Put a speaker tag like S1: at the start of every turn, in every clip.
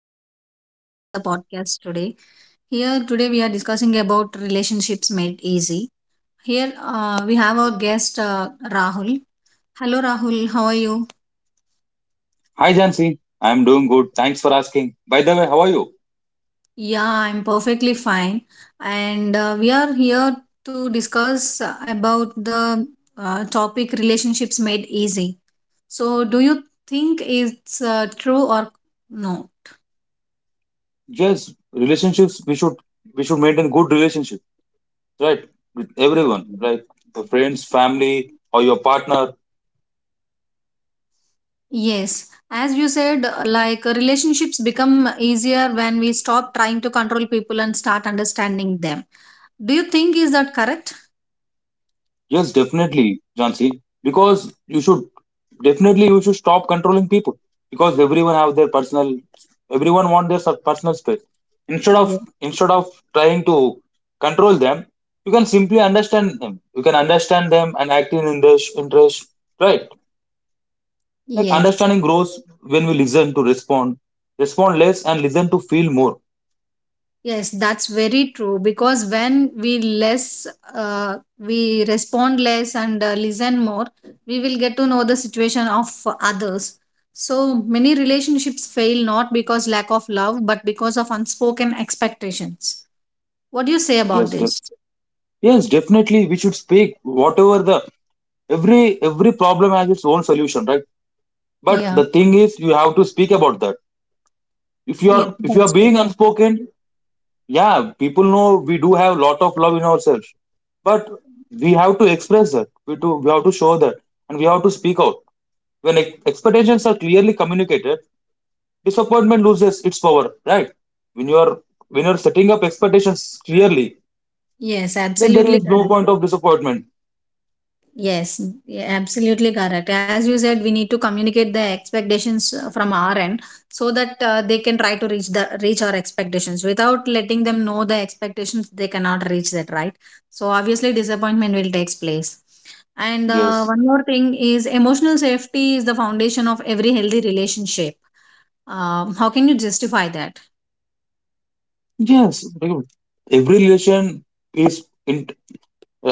S1: host of the podcast today. Here, today, we are discussing about relationships made easy. Here, we have our guest, Rahul. Hello, Rahul. How are you?
S2: Hi Jansi, I'm doing good. Thanks for asking. By the way, how are you?
S1: Yeah, I'm perfectly fine. And we are here to discuss about the topic relationships made easy. So, do you think it's true or no?
S2: Yes, relationships we should maintain good relationship, right? With everyone, right? The friends, family, or your partner.
S1: Yes, as you said, like relationships become easier when we stop trying to control people and start understanding them. Do you think is that correct?
S2: Yes, definitely, Jansi. Because you should definitely you should stop controlling people, because everyone have their personal, everyone want their personal space. Instead of
S1: Yeah.
S2: instead of trying to control them, you can simply understand them. You can understand them and act in their interest, right? Like
S1: Yes.
S2: understanding grows when we respond less and listen to feel more.
S1: Yes, that's very true because when we less we respond less and listen more, we will get to know the situation of others. So many relationships fail not because lack of love but because of unspoken expectations. What do you say about
S2: Yes, def-
S1: this?
S2: yes, definitely we should speak whatever the, every problem has its own solution, right? But
S1: Yeah.
S2: the thing is you have to speak about that. If you are
S1: Yes,
S2: if you are
S1: that's true.
S2: being unspoken, yeah, people know we do have lot of love in ourselves. But we have to express that. We have to show that, and we have to speak out. When expectations are clearly communicated, disappointment loses its power, right? when you are when you're setting up expectations clearly,
S1: Yes,
S2: then there
S1: absolutely
S2: is no
S1: correct.
S2: point of disappointment.
S1: Yes, yeah, absolutely correct. As you said, we need to communicate the expectations from our end so that they can try to reach our expectations. Without letting them know the expectations, they cannot reach that, right? So obviously, disappointment will takes place. And
S2: Yes,
S1: one more thing is emotional safety is the foundation of every healthy relationship. How can you justify that?
S2: yes, dude. Every relation is in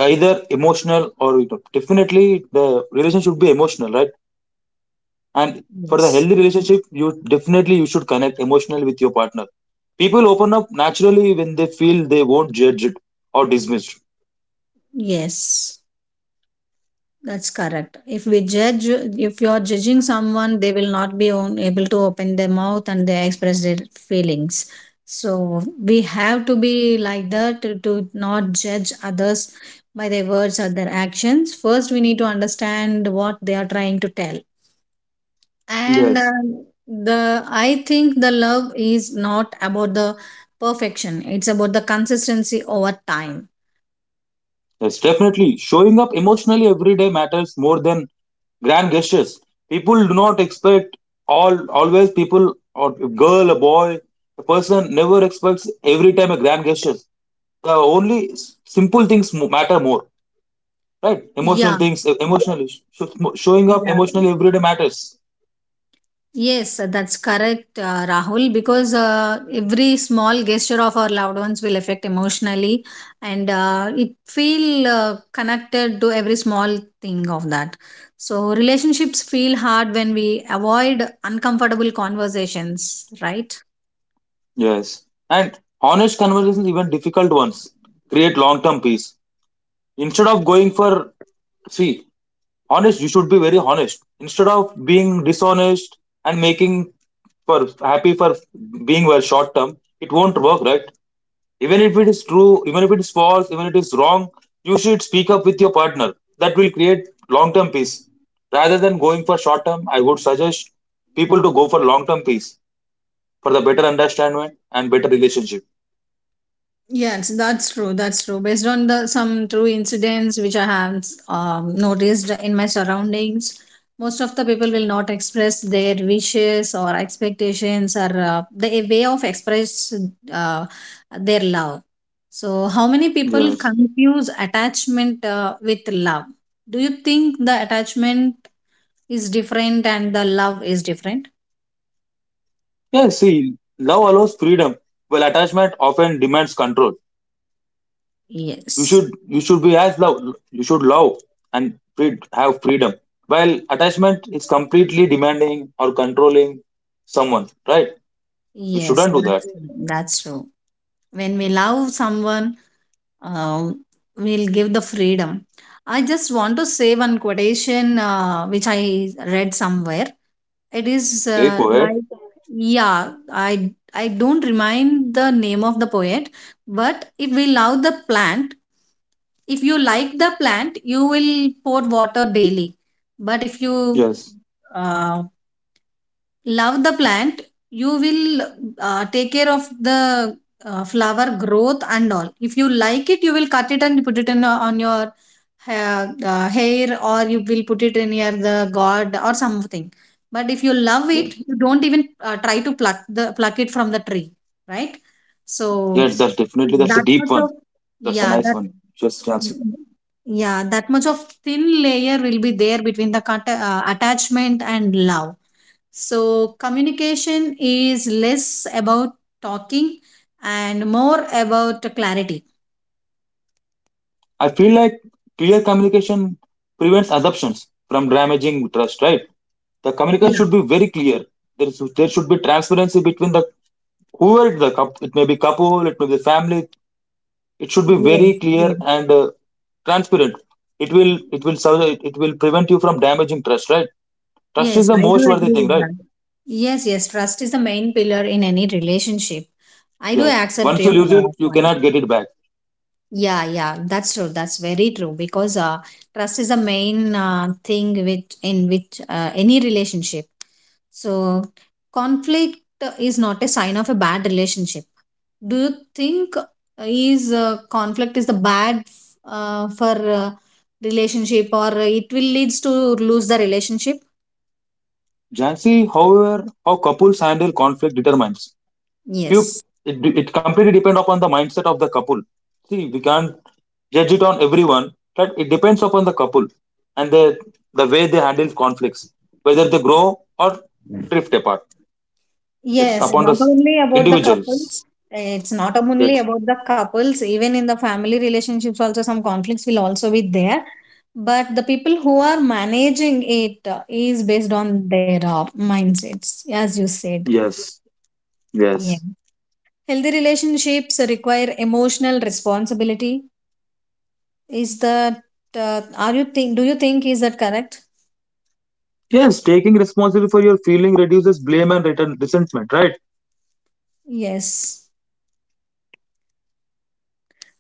S2: either emotional, or, definitely the relation should be emotional, right? And for the
S1: Yes.
S2: healthy relationship, you definitely you should connect emotionally with your partner. People open up naturally when they feel they won't judge it or dismissed.
S1: Yes. That's correct. If we judge, if you're judging someone, they will not be on, able to open their mouth and they express their feelings. So we have to be like that to not judge others by their words or their actions. First, we need to understand what they are trying to tell. And
S2: Yes.
S1: the I think the love is not about the perfection. It's about the consistency over time.
S2: Yes, definitely. Showing up emotionally every day matters more than grand gestures. People do not expect all always. People or a girl, a boy, a person never expects every time a grand gesture. The only simple things matter more, right? Emotional
S1: Yeah,
S2: things, emotionally, showing up
S1: yeah.
S2: emotionally every day matters.
S1: Yes, that's correct, Rahul, because every small gesture of our loved ones will affect emotionally and it feel connected to every small thing of that. So relationships feel hard when we avoid uncomfortable conversations, right?
S2: Yes, and honest conversations, even difficult ones, create long-term peace. Instead of going for, see, honest, you should be very honest instead of being dishonest and making for happy for being well short term. It won't work, right? Even if it is true, even if it is false, even it is wrong, you should speak up with your partner. That will create long term peace rather than going for short term. I would suggest people to go for long term peace for the better understanding and better relationship.
S1: Yes, that's true. That's true. Based on the some true incidents which I have noticed in my surroundings, most of the people will not express their wishes or expectations or the way of express uh, their love. So, how many people
S2: Yes.
S1: confuse attachment with love? Do you think the attachment is different and the love is different?
S2: Yeah, see, love allows freedom while attachment often demands control. you
S1: Yes.
S2: should you should be as love, you should love and free, have freedom, while attachment is completely demanding or controlling someone, right? You
S1: Yes,
S2: shouldn't do that.
S1: that's true. That's true. When we love someone um, will give the freedom. I just want to say one quotation which I read somewhere. It is
S2: Okay, go ahead.
S1: like, yeah, I don't remind the name of the poet, but if we love the plant, if you like the plant, you will pour water daily. But if you
S2: Yes,
S1: uh, love the plant you will take care of the flower growth and all. If you like it, you will cut it and put it in on your hair, or you will put it in near the god or something. But if you love
S2: yeah.
S1: it, you don't even try to pluck it from the tree, right? So
S2: Yes, that's a
S1: that
S2: deep
S1: much
S2: one.
S1: of
S2: That's a
S1: yeah,
S2: nice one. Just answer.
S1: yeah, that much of thin layer will be there between the cut, attachment and love. So, communication is less about talking and more about clarity.
S2: I feel like clear communication prevents assumptions from damaging trust, right? The communication
S1: Yeah,
S2: should be very clear. There should be transparency between the, whoever, the coup it may be couple, it may be family. It should be very
S1: yes,
S2: clear
S1: yes.
S2: and transparent. It will prevent you from damaging trust, right? Trust is
S1: Yes,
S2: the
S1: I do
S2: most worthy
S1: agree
S2: thing,
S1: with
S2: right?
S1: that. Yes, yes. Trust is the main pillar in any relationship. I do
S2: Yes.
S1: accept
S2: Once you
S1: your
S2: lose it, you
S1: point.
S2: cannot get it back.
S1: Yeah, yeah, that's true. That's very true because trust is a main thing with in which any relationship. So conflict is not a sign of a bad relationship. Do you think is conflict is the bad for relationship, or it will leads to lose the relationship?
S2: Jansi, however, how couples handle conflict determines. Few
S1: Yes.
S2: it completely depends upon the mindset of the couple. See, we can't judge it on everyone, but it depends upon the couple and the way they handle conflicts, whether they grow or drift apart. It's
S1: Yes,
S2: upon the
S1: not only about the
S2: individuals.
S1: couples. It's not only
S2: Yes.
S1: about the couples, even in the family relationships, also some conflicts will also be there. But the people who are managing it is based on their mindsets, as you said.
S2: Yes,
S1: Yeah.
S2: yes,
S1: Healthy relationships require emotional responsibility. Is that, are you think, do you think is that correct?
S2: yes. Taking responsibility for your feeling reduces blame and return resentment, right?
S1: Yes.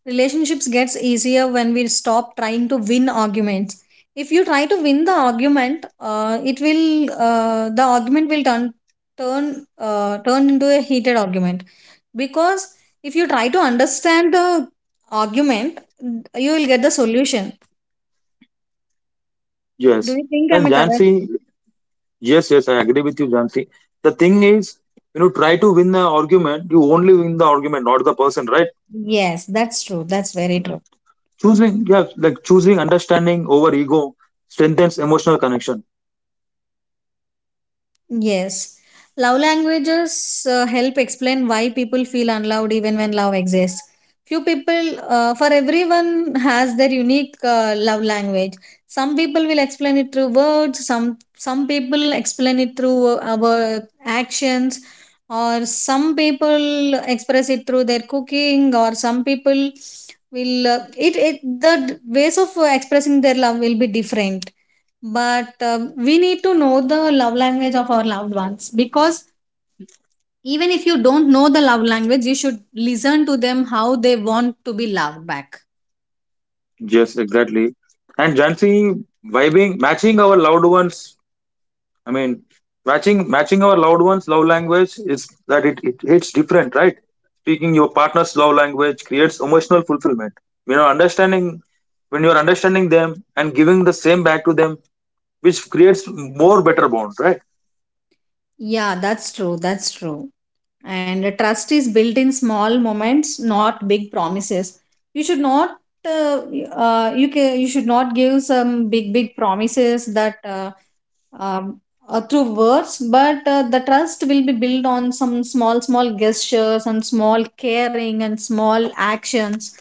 S1: Relationships gets easier when we stop trying to win arguments. If you try to win the argument, it will the argument will turn into a heated argument, because if you try to understand the argument, you will get the solution. Do
S2: Yes.
S1: you think
S2: And
S1: I'm a correct?
S2: Jansi, yes, yes, I agree with you, Jansi. The thing is, try to win the argument. You only win the argument, not the person, right?
S1: Yes, that's true. That's very true.
S2: Mm. Yeah, like choosing understanding over ego strengthens emotional connection.
S1: Yes. Love languages help explain why people feel unloved even when love exists. Few people, for everyone, has their unique love language. Some people will explain it through words. Some people explain it through our actions, or some people express it through their cooking, or some people will it it the ways of expressing their love will be different. But we need to know the love language of our loved ones, because even if you don't know the love language, you should listen to them how they want to be loved back.
S2: Yes, exactly. And Jansi, vibing, matching our loved ones, I mean, matching our loved ones' love language is that it hits different, right? Speaking your partner's love language creates emotional fulfillment. You know, understanding when you are understanding them and giving the same back to them, which creates more better bond, right?
S1: Yeah, that's true. That's true. And trust is built in small moments, not big promises. You should not you can you should not give some big big promises that um, through words, but the trust will be built on some small, small gestures and small caring and small actions.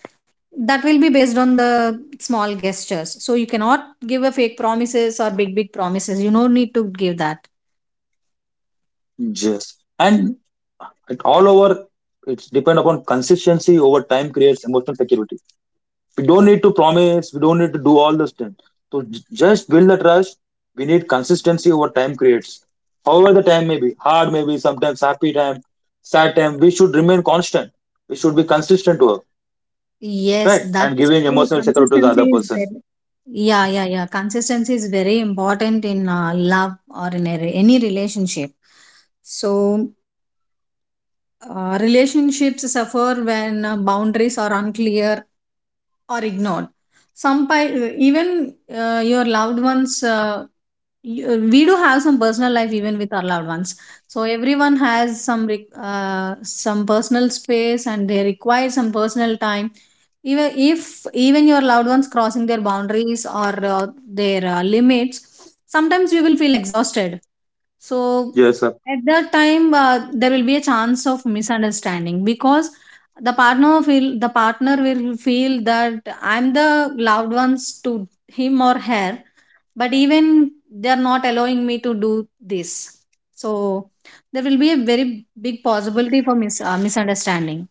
S1: That will be based on the small gestures. So you cannot give a fake promises or big, big promises. You don't need to give that.
S2: Yes, and it all over it's depend upon consistency over time, creates emotional security. We don't need to promise, we don't need to do all those things, so just build the trust. We need consistency over time creates, however the time may be hard, may be sometimes happy time, sad time, we should remain constant. We should be consistent to her,
S1: Yes,
S2: right? And
S1: that's
S2: giving
S1: true.
S2: emotional security to the other
S1: Consistency is
S2: person.
S1: very yeah, yeah, yeah. Consistency is very important in love or in a, any relationship. So relationships suffer when boundaries are unclear or ignored. Even your loved ones. We do have some personal life even with our loved ones. So everyone has some personal space, and they require some personal time. Even if even your loved ones crossing their boundaries or their limits, sometimes you will feel exhausted. So
S2: Yes, sir.
S1: at that time, there will be a chance of misunderstanding, because the partner will feel that I'm the loved ones to him or her, but even they are not allowing me to do this. So there will be a very big possibility for misunderstanding.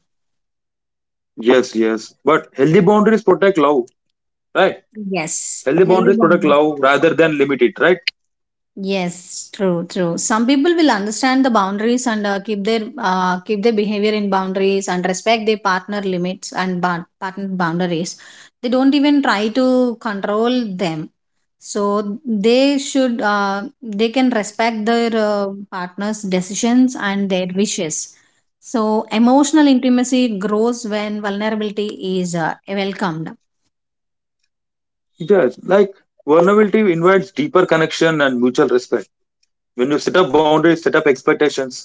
S2: Yes, yes. But healthy boundaries protect love, right?
S1: Yes,
S2: Healthy
S1: healthy
S2: boundaries
S1: bond.
S2: protect love rather than limit it, right?
S1: Yes, true, true. Some people will understand the boundaries and keep their behavior in boundaries and respect their partner limits and partner boundaries. They don't even try to control them. So they should they can respect their partner's decisions and their wishes. So emotional intimacy grows when vulnerability is welcomed.
S2: Yes, like vulnerability invites deeper connection and mutual respect when you set up boundaries, set up expectations,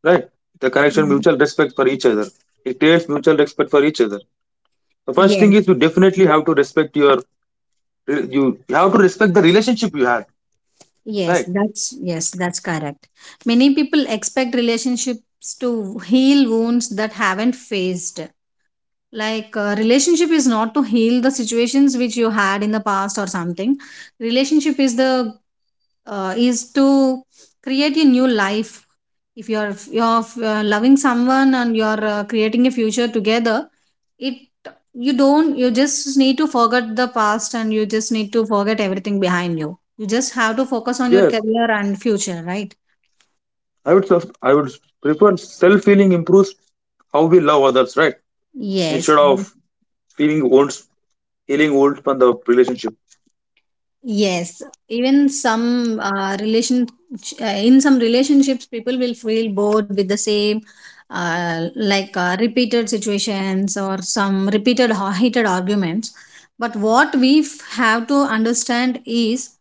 S2: right? The connection,
S1: Mhm.
S2: mutual respect for each other. It creates mutual respect for each other. The first thing
S1: Yes.
S2: is you definitely have to respect your, you have to respect the relationship you had, right?
S1: Yes, that's correct. Many people expect relationships to heal wounds that haven't faced. Like relationship is not to heal the situations which you had in the past or something. Relationship is the is to create a new life. If you're you're loving someone and you're creating a future together, it you don't you just need to forget the past, and you just need to forget everything behind you. You just have to focus on your
S2: Yes,
S1: career and future, right?
S2: I would prefer self healing improves how we love others, right?
S1: Yes
S2: Instead
S1: that-
S2: of feeling old, healing old from the relationship.
S1: yes, even some relation in some relationships people will feel bored with the same like repeated situations or some repeated heated arguments, but what we have to understand is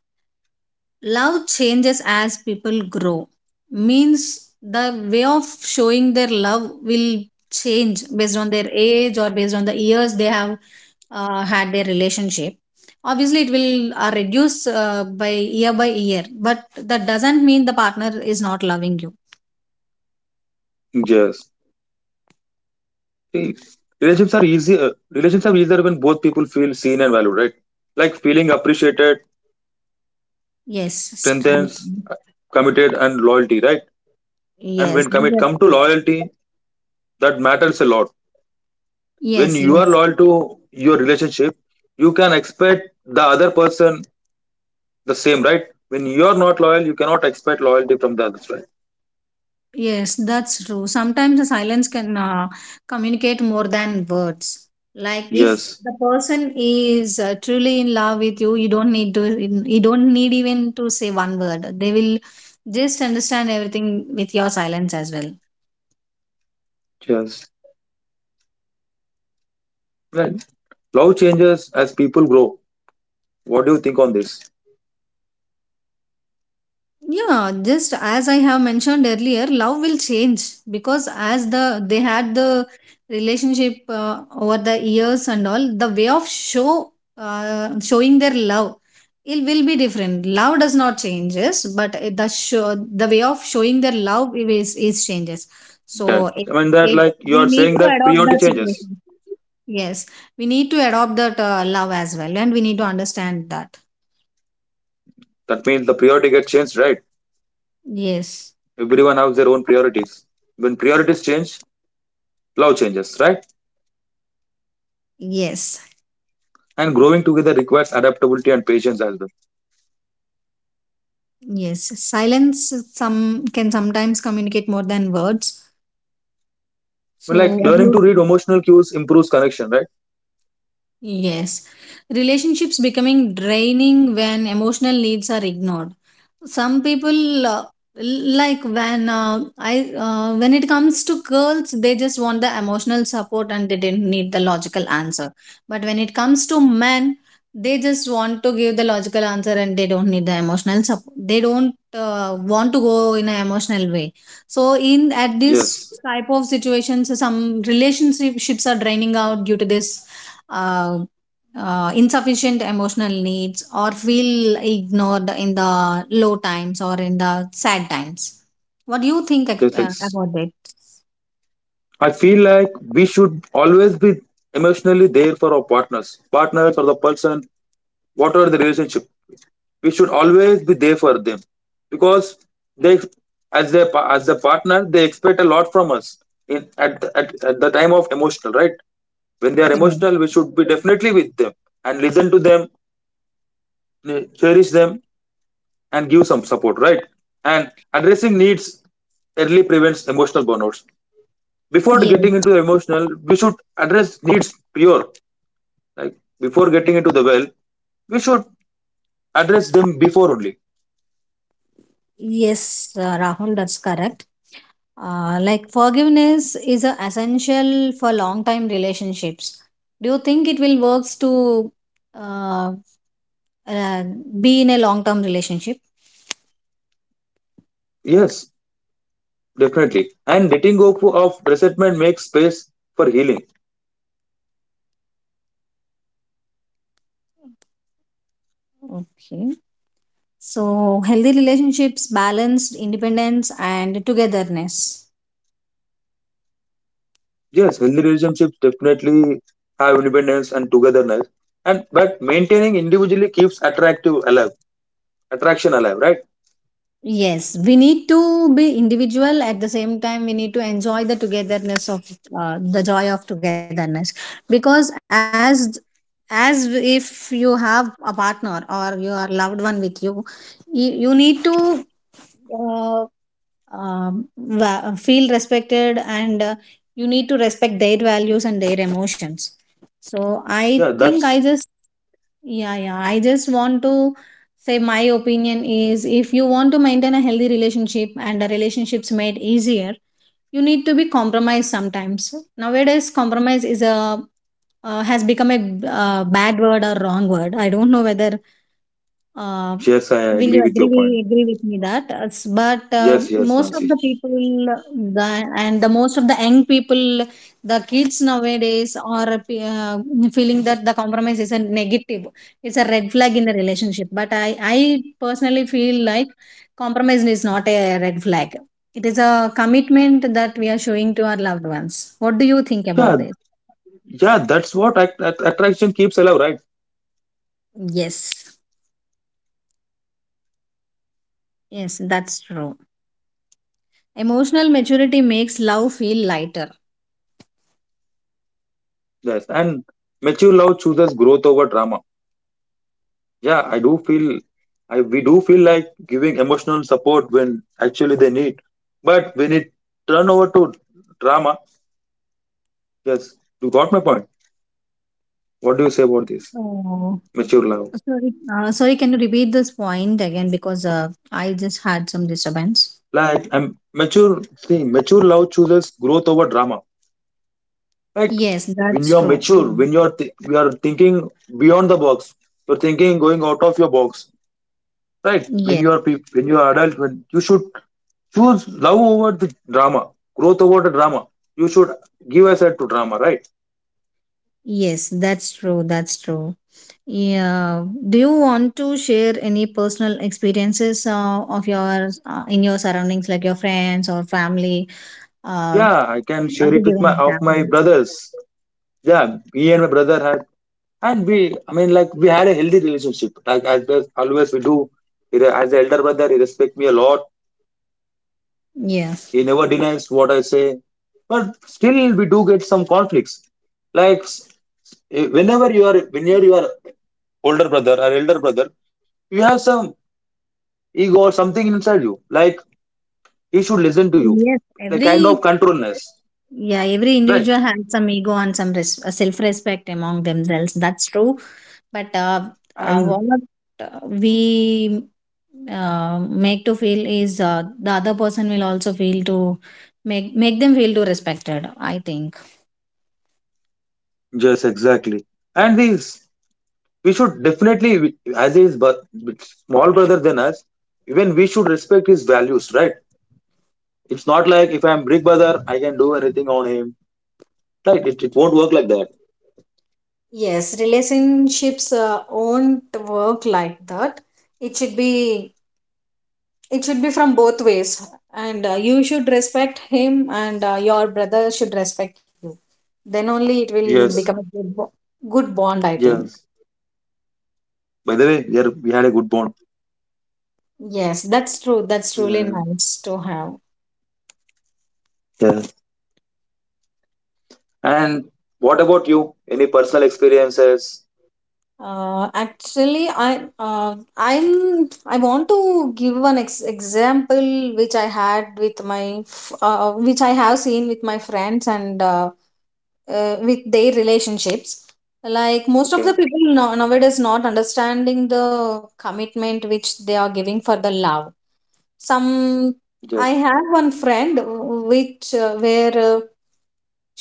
S1: love changes as people grow, means the way of showing their love will change based on their age or based on the years they have had their relationship. Obviously, it will reduce by year, but that doesn't mean the partner is not loving you.
S2: Yes. See, Relationships are easier when both people feel seen and valued, right? Like feeling appreciated
S1: Yes, strength.
S2: strengthens, committed, and loyalty, right? And
S1: Yes,
S2: when come it come to loyalty, that matters a lot. When
S1: yes,
S2: you are
S1: yes.
S2: loyal to your relationship, you can expect the other person the same, right? When you are not loyal, you cannot expect loyalty from the others, right?
S1: Yes, that's true. Sometimes the silence can communicate more than words. Like if
S2: Yes,
S1: the person is truly in love with you, you don't need to you don't need even to say one word. They will just understand everything with your silence as well.
S2: yes, right. Love changes as people grow. What do you think on this?
S1: Yeah, just as I have mentioned earlier, love will change because as the they had the relationship over the years and all the way of showing their love, it will be different. Love does not changes, but it- the show the way of showing their love is changes. So
S2: That
S1: it
S2: I mean, that,
S1: it
S2: like, you
S1: we
S2: are
S1: need
S2: saying
S1: to
S2: that
S1: adopt
S2: priority
S1: that
S2: changes.
S1: situation. Yes, we need to adopt that love as well, and we need to understand that.
S2: That means the priority gets changed, right?
S1: Yes,
S2: Everyone has their own priorities. When priorities change, love changes, right?
S1: yes.
S2: And growing together requires adaptability and patience as well.
S1: Yes, silence some can sometimes communicate more than words.
S2: But
S1: So,
S2: like
S1: what do
S2: learning
S1: you?
S2: to read emotional cues improves connection, right?
S1: Yes, relationships becoming draining when emotional needs are ignored. Some people like when I when it comes to girls, they just want the emotional support and they didn't need the logical answer. But when it comes to men, they just want to give the logical answer and they don't need the emotional support. They don't want to go in an emotional way. So in at this
S2: Yes.
S1: type of situations, some relationships are draining out due to this uh, insufficient emotional needs or feel ignored in the low times or in the sad times. What do you think
S2: Just ex-
S1: about it?
S2: I feel like we should always be emotionally there for our partners or the person, whatever the relationship. We should always be there for them, because they, as the partner, they expect a lot from us at the time of emotional, right? When they are
S1: Yeah.
S2: emotional, we should be definitely with them and listen to them, cherish them, and give some support, right? And addressing needs early prevents emotional burnouts. Before
S1: Yeah.
S2: getting into the emotional, we should address needs pure. Like before getting into the well, we should address them before only.
S1: Yes, Rahul, that's correct. Like forgiveness is a essential for long time relationships. Do you think it will works to uh, uh, be in a long term relationship?
S2: Yes, definitely. And letting go of resentment makes space for healing.
S1: Okay. So, healthy relationships balanced independence and togetherness.
S2: Yes, healthy relationships definitely have independence and togetherness. And but maintaining individually keeps attraction alive, right?
S1: Yes, we need to be individual at the same time we need to enjoy the togetherness of the joy of togetherness because as if you have a partner or your loved one with you you need to uh, feel respected and you need to respect their values and their emotions so I
S2: Yeah,
S1: think I
S2: that's
S1: just Yeah, I just want to say my opinion is if you want to maintain a healthy relationship and the relationships made easier, you need to be compromised sometimes. Nowadays, compromise is a has become a bad word or wrong word. I don't know whether uh,
S2: yes, I
S1: will
S2: agree
S1: you
S2: with
S1: agree
S2: your
S1: we
S2: point.
S1: agree with me that s- but
S2: Yes, yes,
S1: most of
S2: Jansi.
S1: the people the, and the most of the young people the kids nowadays are feeling that the compromise is a negative. It's a red flag in a relationship, but I personally feel like compromise is not a red flag. It is a commitment that we are showing to our loved ones. What do you think
S2: Yeah,
S1: about this?
S2: yeah, that's what attraction keeps alive, right?
S1: Yes. Yes, that's true. Emotional maturity makes love feel lighter.
S2: Yes, and mature love chooses growth over drama. Yeah, I do feel, I we do feel like giving emotional support when actually they need, but when it turn over to drama, yes, you got my point. What do you say about this
S1: Oh,
S2: mature love?
S1: sorry. Sorry, can you repeat this point again? Because I just had some disturbance.
S2: Like, I'm mature. See, mature love chooses growth over drama. Like,
S1: Yes,
S2: when
S1: that's
S2: you are
S1: true.
S2: mature, when you are you are thinking beyond the box, you're thinking going out of your box, right?
S1: Yes,
S2: When you are adult, when you should choose love over the drama, growth over the drama, you should give aside to drama, right?
S1: yes, that's true. That's true. Yeah. Do you want to share any personal experiences of yours in your surroundings, like your friends or family? Uh,
S2: Yeah, I can share
S1: to
S2: it
S1: give
S2: with
S1: an
S2: my of my
S1: example.
S2: brothers. Yeah, me and my brother had, and we, I mean, like, we had a healthy relationship, like as always we do. As the elder brother, he respects me a lot.
S1: Yes.
S2: He never denies what I say, but still we do get some conflicts. Like, whenever you are older brother or elder brother, you have some ego or something inside you. Like, he should listen to you.
S1: Yes,
S2: Like kind
S1: every
S2: of controlness.
S1: Yeah, every
S2: Right?
S1: individual has some ego and some self-respect among themselves. That's true. But
S2: And
S1: what we make to feel is the other person will also feel to make them feel to respected. I think.
S2: yes, exactly. And these we should definitely, as his small brother than us, even we should respect his values, right? It's not like if I'm big brother, I can do anything on him. Right? It won't work like that.
S1: Yes, relationships won't work like that. It should be it should be from both ways and you should respect him and your brother should respect you then only it will become
S2: Yes.
S1: a good bond I think
S2: Yes. By the way, we had a good bond.
S1: yes that's true that's really
S2: Yeah.
S1: nice to have
S2: Yeah. And what about you? Any personal experiences?
S1: Actually, I'm I want to give one example which I had with my which I have seen with my friends and with their relationships. Like most of the
S2: Okay.
S1: people nowadays not understanding the commitment which they are giving for the love some I
S2: Yes.
S1: have one friend which where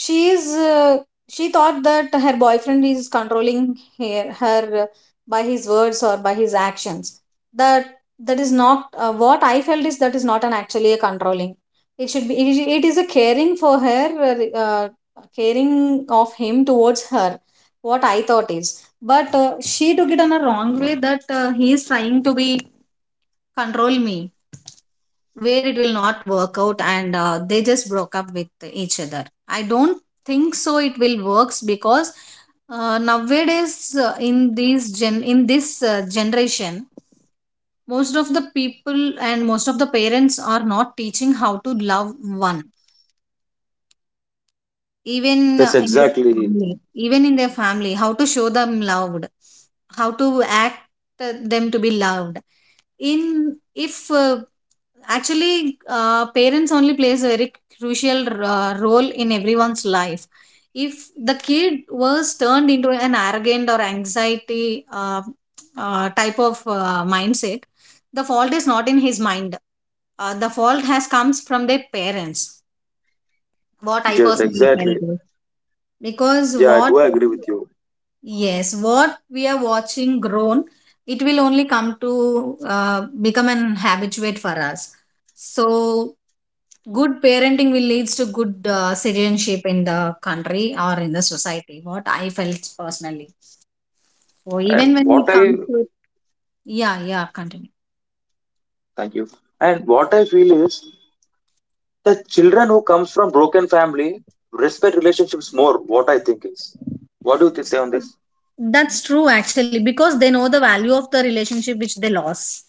S1: she is uh, she thought that her boyfriend is controlling her, by his words or by his actions that that is not what I felt is that is not an actually a controlling it should be it. It is a caring for her caring of him towards her what I thought is but she took it in a wrong way that he is trying to be control me where it will not work out and they just broke up with each other I don't think so it will works because nowadays in these gen in this generation most of the people and most of the parents are not teaching how to love one even
S2: Yes,
S1: in their
S2: exactly.
S1: family even in their family how to show them loved how to act them to be loved in if uh, Actually, parents only plays a very crucial role in everyone's life. If the kid was turned into an arrogant or anxiety type of mindset, the fault is not in his mind. The fault has comes from their parents. What I
S2: Yes,
S1: personally
S2: exactly.
S1: felt is because
S2: Yeah, I
S1: what
S2: do agree with you.
S1: Yes, what we are watching grown, it will only come to become an habituate for us. So, good parenting will leads to good citizenship in the country or in the society. What I felt personally. So, even
S2: And
S1: when
S2: what
S1: it
S2: I
S1: comes to yeah, yeah, continue.
S2: thank you. And what I feel is the children who comes from broken family respect relationships more. What I think is. What do you say on this?
S1: That's true actually because they know the value of the relationship which they lost.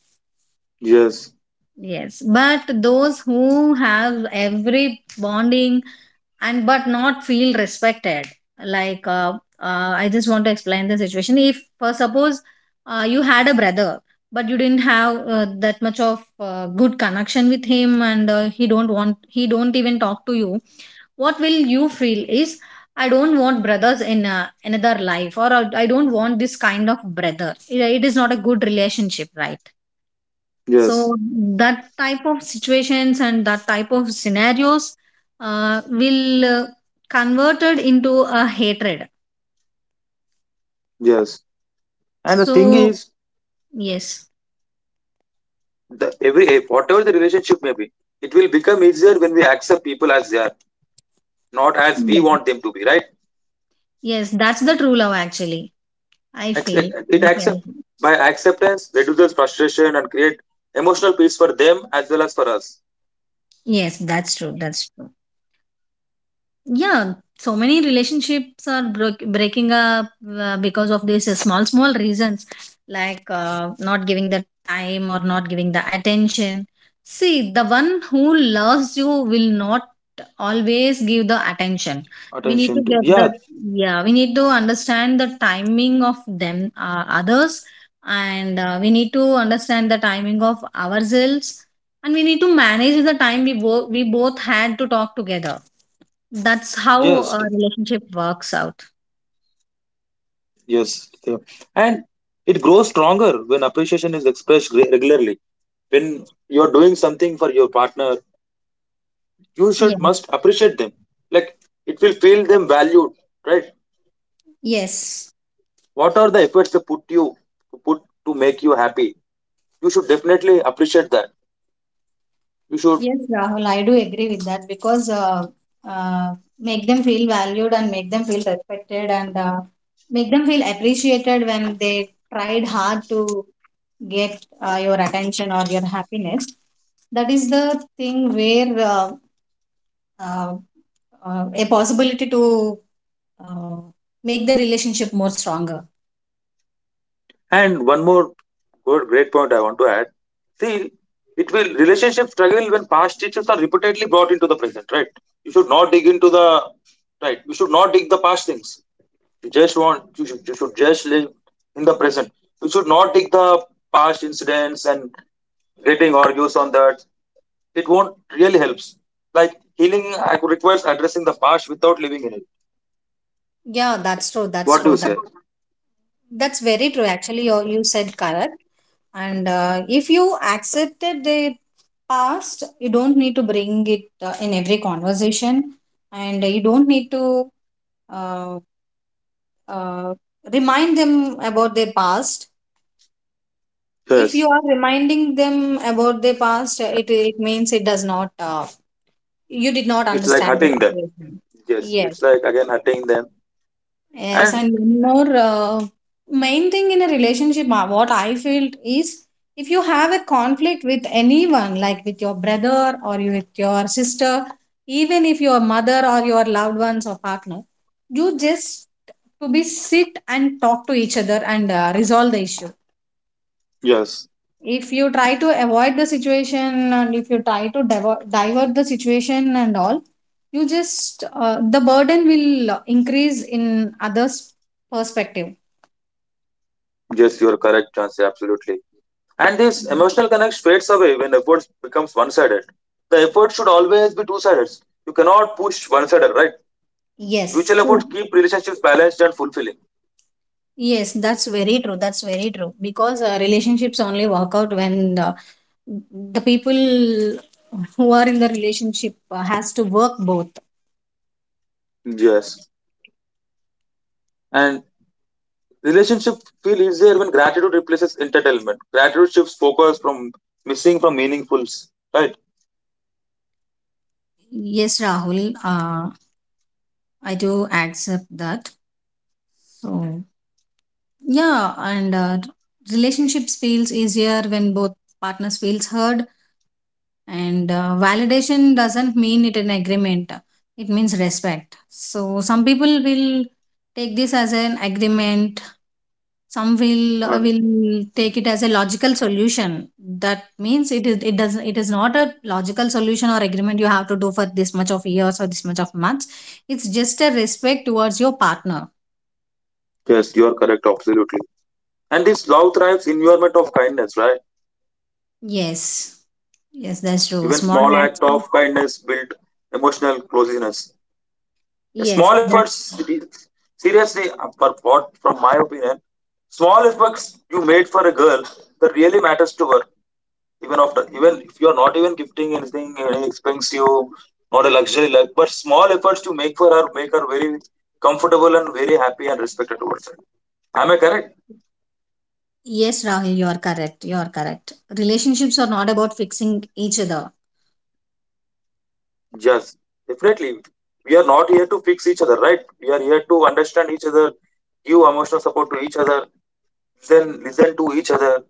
S2: Yes,
S1: Yes, but those who have every bonding and but not feel respected like I just want to explain the situation if for suppose you had a brother but you didn't have that much of good connection with him and he don't want he don't even talk to you what will you feel is I don't want brothers in another life or I don't want this kind of brother. It is not a good relationship, right?
S2: yes,
S1: So that type of situations and that type of scenarios will converted into a hatred.
S2: yes. And the
S1: So
S2: thing is,
S1: yes,
S2: whatever the relationship may be, it will become easier when we accept people as they are, not as we
S1: Yeah.
S2: want them to be. Right?
S1: Yes, that's the true love actually. I feel.
S2: Accept- It
S1: I
S2: accept
S1: feel.
S2: By acceptance reduces frustration and create emotional peace for them as well as for us.
S1: Yes, that's true. That's true. Yeah, so many relationships are broke breaking up because of these small small reasons like not giving the time or not giving the attention. See, the one who loves you will not always give the attention. We need to
S2: Attention to,
S1: get the
S2: yeah.
S1: yeah we need to understand the timing of them others and we need to understand the timing of ourselves and we need to manage the time both we both had to talk together. That's how
S2: Yes,
S1: a relationship works out.
S2: yes, yeah. And it grows stronger when appreciation is expressed regularly. When you're doing something for your partner, you
S1: Yeah.
S2: should must appreciate them, like it will feel them valued, right?
S1: Yes.
S2: What are the efforts they put you to put to make you happy? You should definitely appreciate that. You should.
S1: Yes, Rahul, I do agree with that because make them feel valued and make them feel respected and make them feel appreciated when they tried hard to get your attention or your happiness. That is the thing where uh, a possibility to uh, make the relationship more stronger.
S2: And one more good, great point I want to add. See, it will relationship struggle when past issues are repeatedly brought into the present, right? You should not dig into the, right. You should not dig the past things. You should just live in the present. You should not dig the past incidents and getting argues on that. It won't really helps. Like healing requires addressing the past without living in it.
S1: Yeah, that's true. That's
S2: What do you
S1: true.
S2: say?
S1: That's very true. Actually, you said correct. And if you accepted the past, you don't need to bring it in every conversation, and you don't need to uh, uh, remind them about their past. If you
S2: Yes,
S1: are reminding them about their past, it means it does not. You did not
S2: it's like
S1: understand the
S2: hurting them.
S1: situation.
S2: Yes,
S1: Yes.
S2: it's like again hurting them.
S1: Yes,
S2: And
S1: and one more main thing in a relationship, what I feel is if you have a conflict with anyone, like with your brother or with your sister, even if your mother or your loved ones or partner, you just to be sit and talk to each other and resolve the issue.
S2: Yes,
S1: If you try to avoid the situation and if you try to divert the situation and all, you just the burden will increase in others' perspective.
S2: yes, you're correct, Chansey, absolutely. And this emotional connect fades away when efforts becomes one-sided. The effort should always be two-sided. You cannot push one-sided, right?
S1: Yes,
S2: Mutual
S1: true.
S2: efforts keep relationships balanced and fulfilling.
S1: Yes, that's very true. That's very true. Because relationships only work out when the people who are in the relationship has to work both.
S2: Yes. And relationship feel easier when gratitude replaces entitlement. Gratitude shifts focus from missing from meaningfuls, right?
S1: Yes, Rahul, I do accept that. So, yeah, and relationships feels easier when both partners feels heard and validation doesn't mean it an agreement. It means respect. So, some people will take this as an agreement, some will
S2: And
S1: take it as a logical solution. That means it is it doesn't it is not a logical solution or agreement you have to do for this much of years or this much of months. It's just a respect towards your partner.
S2: yes, you're correct, absolutely. And this love thrives in environment of kindness, right?
S1: Yes. Yes, that's true.
S2: Even
S1: Small
S2: small
S1: acts
S2: act
S1: of-
S2: of kindness build emotional closeness. A
S1: yes
S2: small
S1: that
S2: efforts, it is- seriously, for what, from my opinion, small efforts you made for a girl that really matters to her. Even if you are not even gifting anything expensive, not a luxury life, but small efforts you make for her make her very comfortable and very happy and respected towards her. Am I correct?
S1: yes Rahul, you are correct. You are correct. Relationships are not about fixing each other.
S2: Yes, definitely. We are not here to fix each other, right? We are here to understand each other, give emotional support to each other, then listen to each other,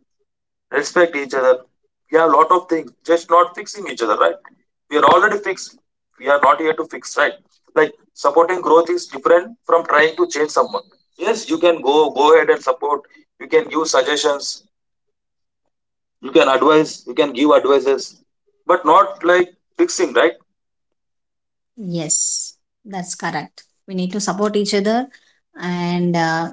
S2: respect each other. We have a lot of things, just not fixing each other, right? We are already fixed. We are not here to fix, right? Like supporting growth is different from trying to change someone. Yes, you can go ahead and support. You can give suggestions. You can advise. You can give advices, but not like fixing, right?
S1: Yes, that's correct. We need to support each other and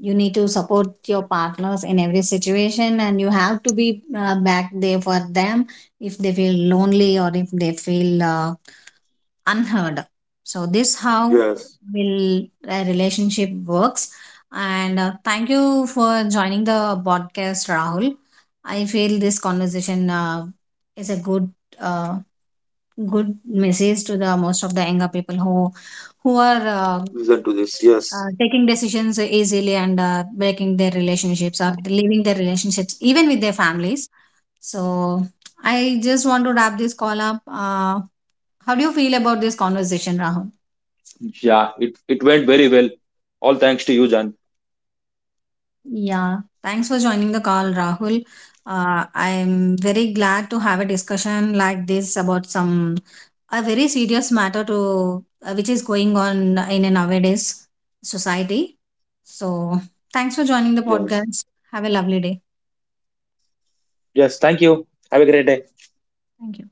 S1: you need to support your partners in every situation and you have to be back there for them if they feel lonely or if they feel unheard. So this how
S2: Yes.
S1: will a relationship works. And thank you for joining the podcast, Rahul. I feel this conversation is a good uh, good message to the most of the younger people who are
S2: Listen to this. Yes.
S1: taking decisions easily and breaking their relationships or leaving their relationships even with their families. So I just want to wrap this call up. How do you feel about this conversation, Rahul?
S2: Yeah, it went very well. All thanks to you, Jan.
S1: Yeah, thanks for joining the call, Rahul. I'm very glad to have a discussion like this about some a very serious matter to which is going on in a nowadays society. So, thanks for joining the podcast. Have a lovely day. Thank you.